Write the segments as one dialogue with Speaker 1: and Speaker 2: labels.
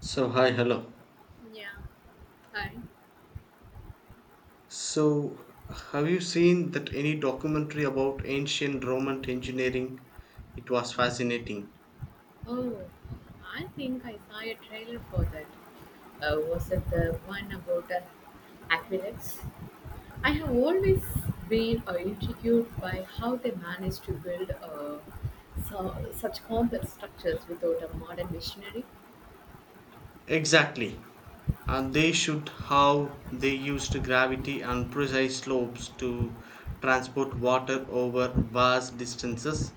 Speaker 1: So, hi, hello.
Speaker 2: Yeah. Hi.
Speaker 1: So, have you seen that any documentary about ancient Roman engineering? It was fascinating.
Speaker 2: Oh, I think I saw a trailer for that. Was it the one about aqueducts? I have always been intrigued by how they managed to build such complex structures without a modern machinery.
Speaker 1: Exactly. And they showed how they used gravity and precise slopes to transport water over vast distances.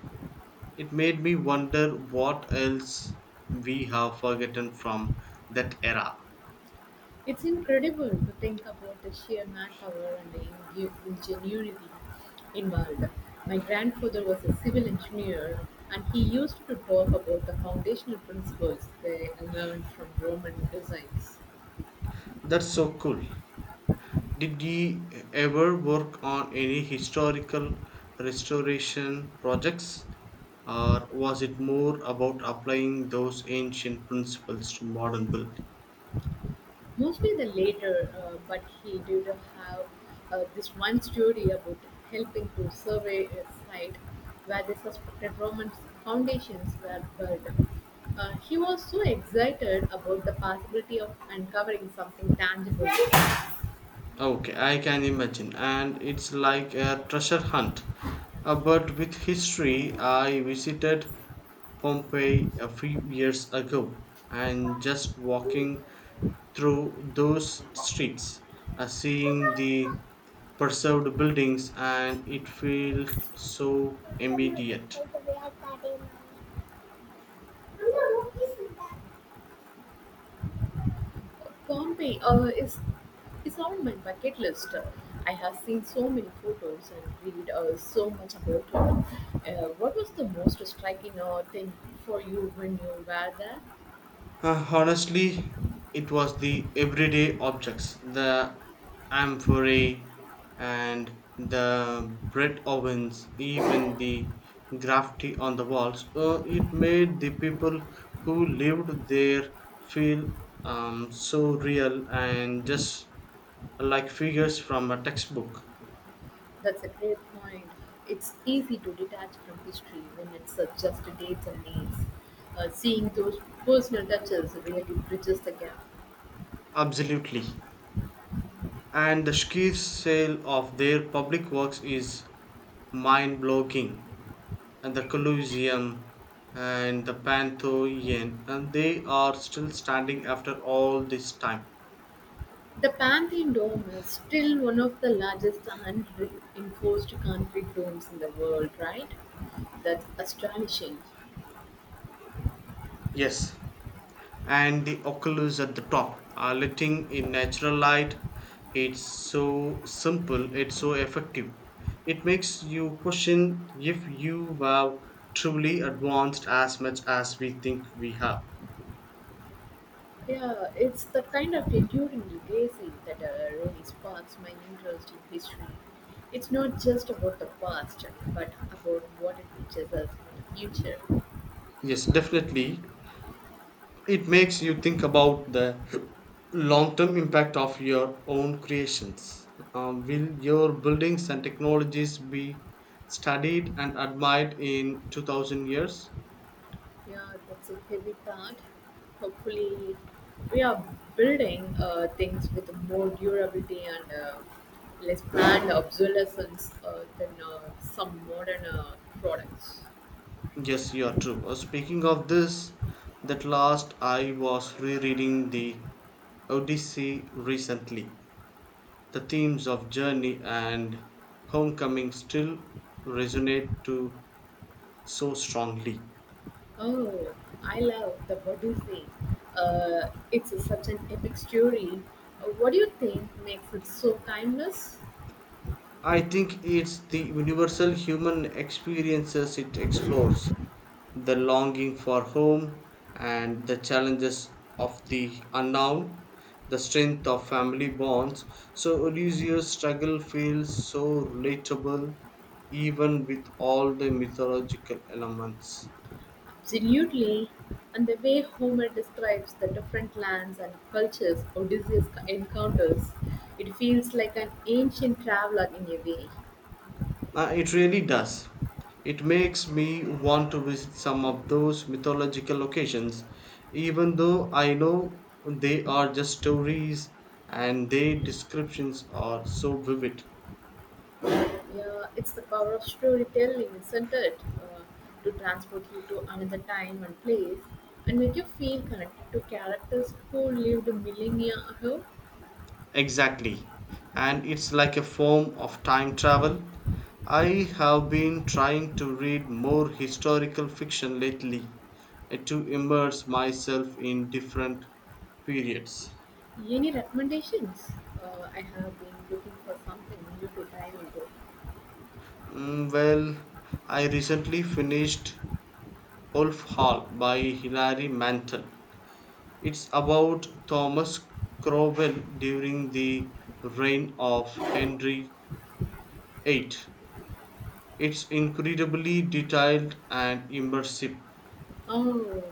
Speaker 1: It made me wonder what else we have forgotten from that era.
Speaker 2: It's incredible to think about the sheer manpower and the ingenuity involved. My grandfather was a civil engineer and he used to talk about the foundational principles they learned from Roman designs.
Speaker 1: That's so cool. Did ye ever work on any historical restoration projects, or was it more about applying those ancient principles to modern build?
Speaker 2: Mostly the later, but he did have this one story about helping to survey a site where the suspected Roman foundations were buried. He was so excited about the possibility of uncovering something tangible.
Speaker 1: Okay, I can imagine, and it's like a treasure hunt. But with history, I visited Pompeii a few years ago, and just walking through those streets, seeing the preserved buildings, and it felt so immediate.
Speaker 2: Conway is on my bucket list. I have seen so many photos and read so much about it. What was the most striking thing for you when you were there?
Speaker 1: Honestly, it was the everyday objects, the amphorae and the bread ovens, even the graffiti on the walls. It made the people who lived there feel so real and just like figures from a textbook.
Speaker 2: That's a great point. It's easy to detach from history when it's just dates and names. Seeing those personal touches really bridges the gap.
Speaker 1: Absolutely. And the sheer sale of their public works is mind blowing. And the Colosseum and the Pantheon, and they are still standing after all this time.
Speaker 2: The Pantheon Dome is still one of the largest unreinforced concrete domes in the world, right? That's astonishing.
Speaker 1: Yes, and the oculus at the top, letting in natural light. It's so simple, it's so effective. It makes you question if you have truly advanced as much as we think we have.
Speaker 2: Yeah, it's the kind of enduring legacy that really sparks my interest in history. It's not just about the past, but about what it teaches us for the future.
Speaker 1: Yes, definitely. It makes you think about the long term impact of your own creations. Will your buildings and technologies be studied and admired in 2000 years?
Speaker 2: Yeah, that's a heavy part. Hopefully, we are building things with more durability and less planned obsolescence than some modern products.
Speaker 1: Yes, you are true. Speaking of this, that last I was rereading the Odyssey recently. The themes of journey and homecoming still resonate to so strongly.
Speaker 2: Oh, I love the Odyssey. It's such an epic story. What do you think makes it so timeless?
Speaker 1: I think it's the universal human experiences it explores the longing for home and the challenges of the unknown, the strength of family bonds. So, Odysseus' struggle feels so relatable even with all the mythological elements.
Speaker 2: Absolutely. And the way Homer describes the different lands and cultures Odysseus encounters, it feels like an ancient traveler in a way.
Speaker 1: It really does. It makes me want to visit some of those mythological locations, even though I know they are just stories and their descriptions are so vivid.
Speaker 2: Yeah, it's the power of storytelling, isn't it? To transport you to another time and place and make you feel connected to characters who lived millennia ago.
Speaker 1: Exactly. And it's like a form of time travel. I have been trying to read more historical fiction lately to immerse myself in different periods.
Speaker 2: Any recommendations? I have been looking for something new to dive into.
Speaker 1: Well, I recently finished Wolf Hall by Hilary Mantel. It's about Thomas Cromwell during the reign of Henry VIII. It's incredibly detailed and immersive.
Speaker 2: Oh,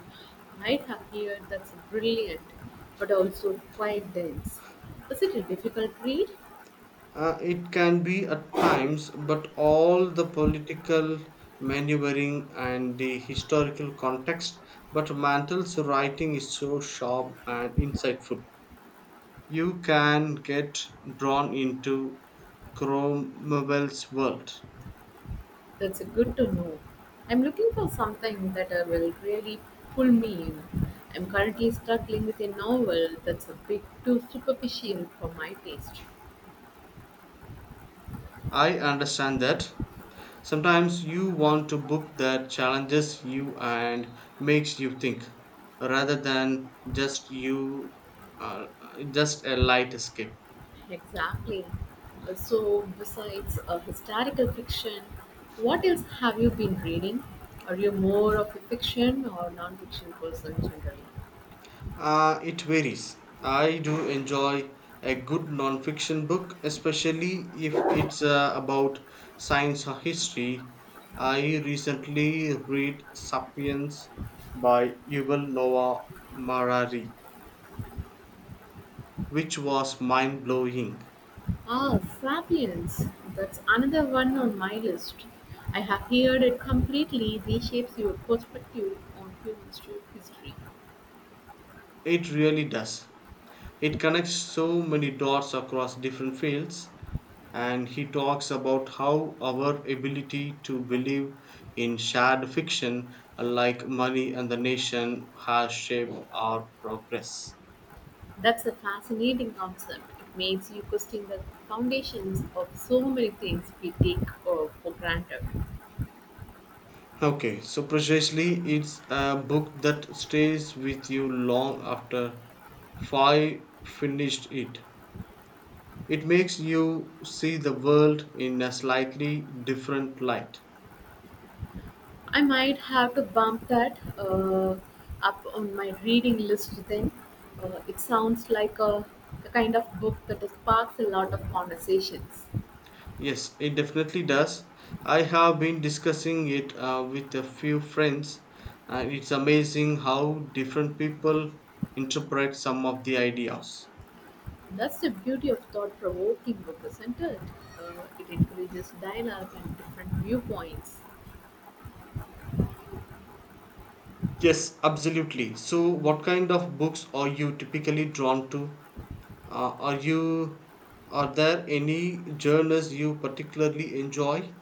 Speaker 2: I have heard that's brilliant, but also quite dense. Is it a difficult read?
Speaker 1: It can be at times, but all the political maneuvering and the historical context. But Mantel's writing is so sharp and insightful. You can get drawn into Cromwell's world.
Speaker 2: That's good to know. I'm looking for something that will really pull me in. I'm currently struggling with a novel that's a bit too superficial for my taste.
Speaker 1: I understand that. Sometimes you want to book that challenges you and makes you think, rather than just you, uh, just a light escape.
Speaker 2: Exactly. So, besides historical fiction, what else have you been reading? Are you more of a fiction or non fiction person generally?
Speaker 1: It varies. I do enjoy a good non-fiction book, especially if it's about science or history. I recently read *Sapiens* by Yuval Noah Harari, which was mind-blowing.
Speaker 2: Ah, Sapiens. That's another one on my list. I have heard it completely reshapes your perspective on history.
Speaker 1: It really does. It connects so many dots across different fields. And he talks about how our ability to believe in shared fiction like money and the nation has shaped our progress.
Speaker 2: That's a fascinating concept. It makes you question the foundations of so many things we take for granted.
Speaker 1: Okay, so precisely it's a book that stays with you long after Five finished it. It makes you see the world in a slightly different light.
Speaker 2: I might have to bump that up on my reading list then. It sounds like the kind of book that sparks a lot of conversations.
Speaker 1: Yes, it definitely does. I have been discussing it with a few friends, and it's amazing how different people interpret some of the ideas.
Speaker 2: That's the beauty of thought provoking book isn't it? It encourages dialogue and different viewpoints.
Speaker 1: Yes, absolutely. So, what kind of books are you typically drawn to? Are you are there any genres you particularly enjoy?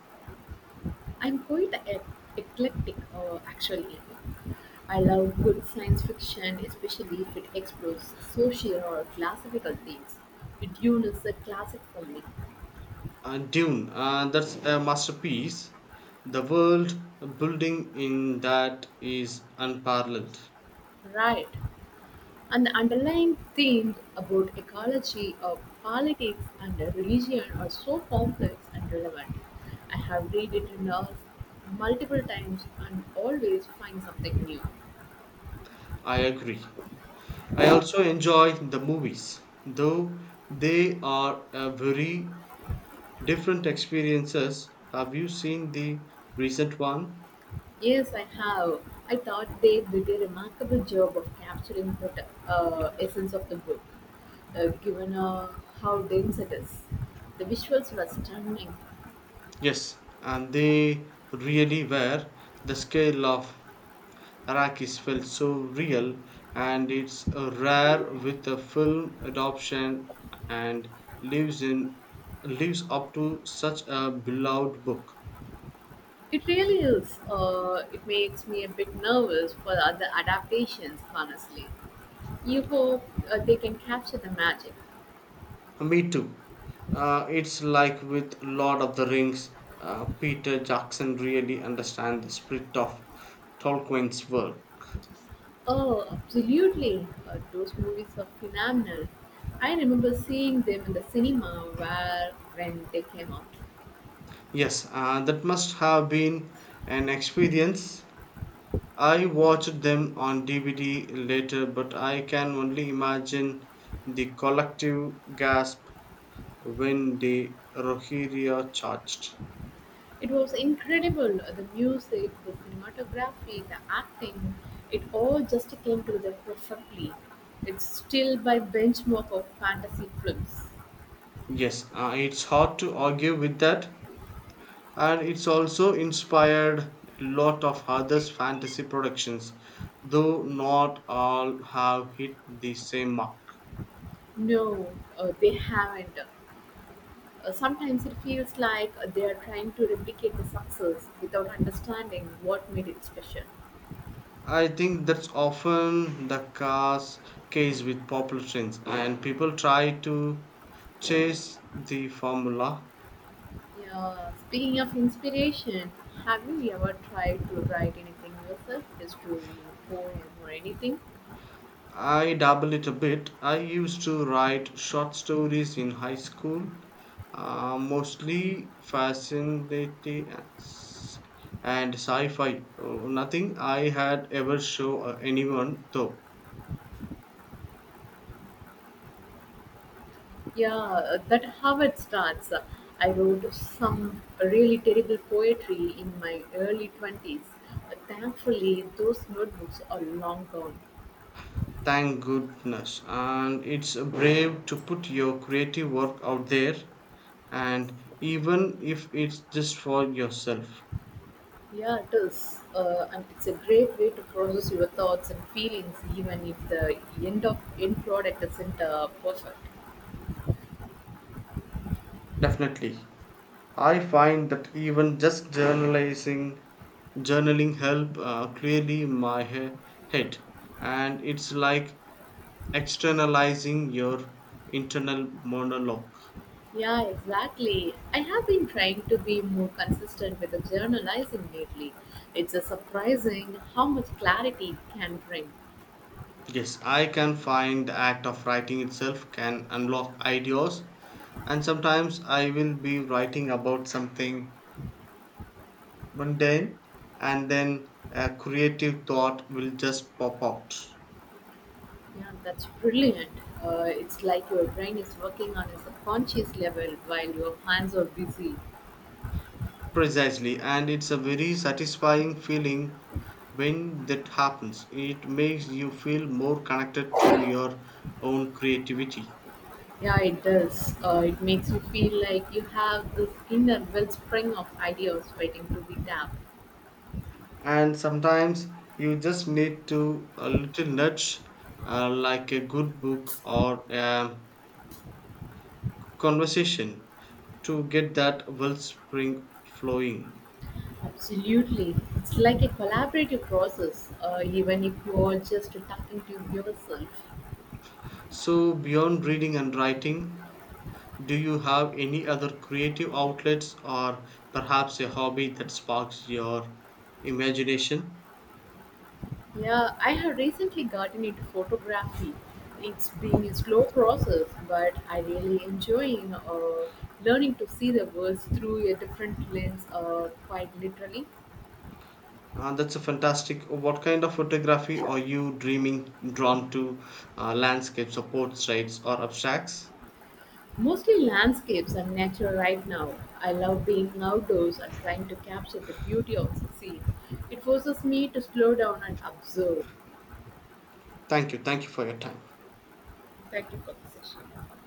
Speaker 2: I'm quite eclectic, actually. I love good science fiction, especially if it explores social or philosophical themes. It is a classic for me.
Speaker 1: And Dune, that's a masterpiece. The world building in that is unparalleled.
Speaker 2: Right. And the underlying themes about ecology, politics, and religion are so complex and relevant. I have read it in multiple times and always find something new.
Speaker 1: I agree. I also enjoy the movies, though they are a very different experiences. Have you seen the recent one?
Speaker 2: Yes, I have. I thought they did a remarkable job of capturing the essence of the book, given how dense it is. The visuals were stunning.
Speaker 1: Yes, and they really were. The scale of Arrakis felt so real, and it's rare with a film adoption and lives in lives up to such a beloved book.
Speaker 2: It really is. It makes me a bit nervous for the other adaptations, honestly. You hope they can capture the magic.
Speaker 1: Me too. It's like with Lord of the Rings, Peter Jackson really understands the spirit of Tolkien's work.
Speaker 2: Oh, absolutely. Those movies are phenomenal. I remember seeing them in the cinema where when they came out.
Speaker 1: Yes, that must have been an experience. I watched them on DVD later, but I can only imagine the collective gasp when the Rohirrim charged.
Speaker 2: It was incredible. The music, the cinematography, the acting, it all just came together perfectly. It's still by benchmark of fantasy films.
Speaker 1: Yes, it's hard to argue with that. And it's also inspired a lot of others fantasy productions though not all have hit the same mark.
Speaker 2: No, they haven't. Sometimes it feels like they are trying to replicate the success without understanding what made it special.
Speaker 1: I think that's often the cause case with popular trends, and people try to chase the formula.
Speaker 2: Yeah, speaking of inspiration, have you ever tried to write anything yourself? A story, a poem, or anything?
Speaker 1: I dabble it a bit. I used to write short stories in high school, mostly fascinating s- and sci fi. Nothing I had ever show anyone, though.
Speaker 2: Yeah, that how it starts. I wrote some really terrible poetry in my early 20s. Thankfully, those notebooks are long gone.
Speaker 1: Thank goodness. And it's brave to put your creative work out there, and even if it's just for yourself.
Speaker 2: Yeah, it is. And it's a great way to process your thoughts and feelings, even if the end product isn't perfect.
Speaker 1: Definitely. I find that even just journalizing journaling help clearly my head and it's like externalizing your internal monologue.
Speaker 2: Yeah, exactly. I have been trying to be more consistent with the journalizing lately. It's a surprising how much clarity it can bring.
Speaker 1: Yes, I can find the act of writing itself can unlock ideas, and sometimes I will be writing about something mundane, and then a creative thought will just pop out.
Speaker 2: Yeah, that's brilliant. It's like your brain is working on a subconscious level while your hands are busy.
Speaker 1: Precisely, and it's a very satisfying feeling when that happens. It makes you feel more connected to your own creativity.
Speaker 2: Yeah, it does. It makes you feel like you have this inner wellspring of ideas waiting to be tapped.
Speaker 1: And sometimes you just need to a little nudge, like a good book or a conversation, to get that wellspring flowing.
Speaker 2: Absolutely. It's like a collaborative process, even if you are just talking to yourself.
Speaker 1: So, beyond reading and writing, do you have any other creative outlets or perhaps a hobby that sparks your imagination?
Speaker 2: Yeah, I have recently gotten into photography. It's been a slow process, but I really enjoying learning to see the world through a different lens, quite literally.
Speaker 1: That's a fantastic. What kind of photography are you dreaming drawn to? Landscapes or portraits or abstracts?
Speaker 2: Mostly landscapes and nature right now. I love being outdoors and trying to capture the beauty of the scene. It forces me to slow down and observe.
Speaker 1: Thank you. Thank you for your time.
Speaker 2: Thank you for the session.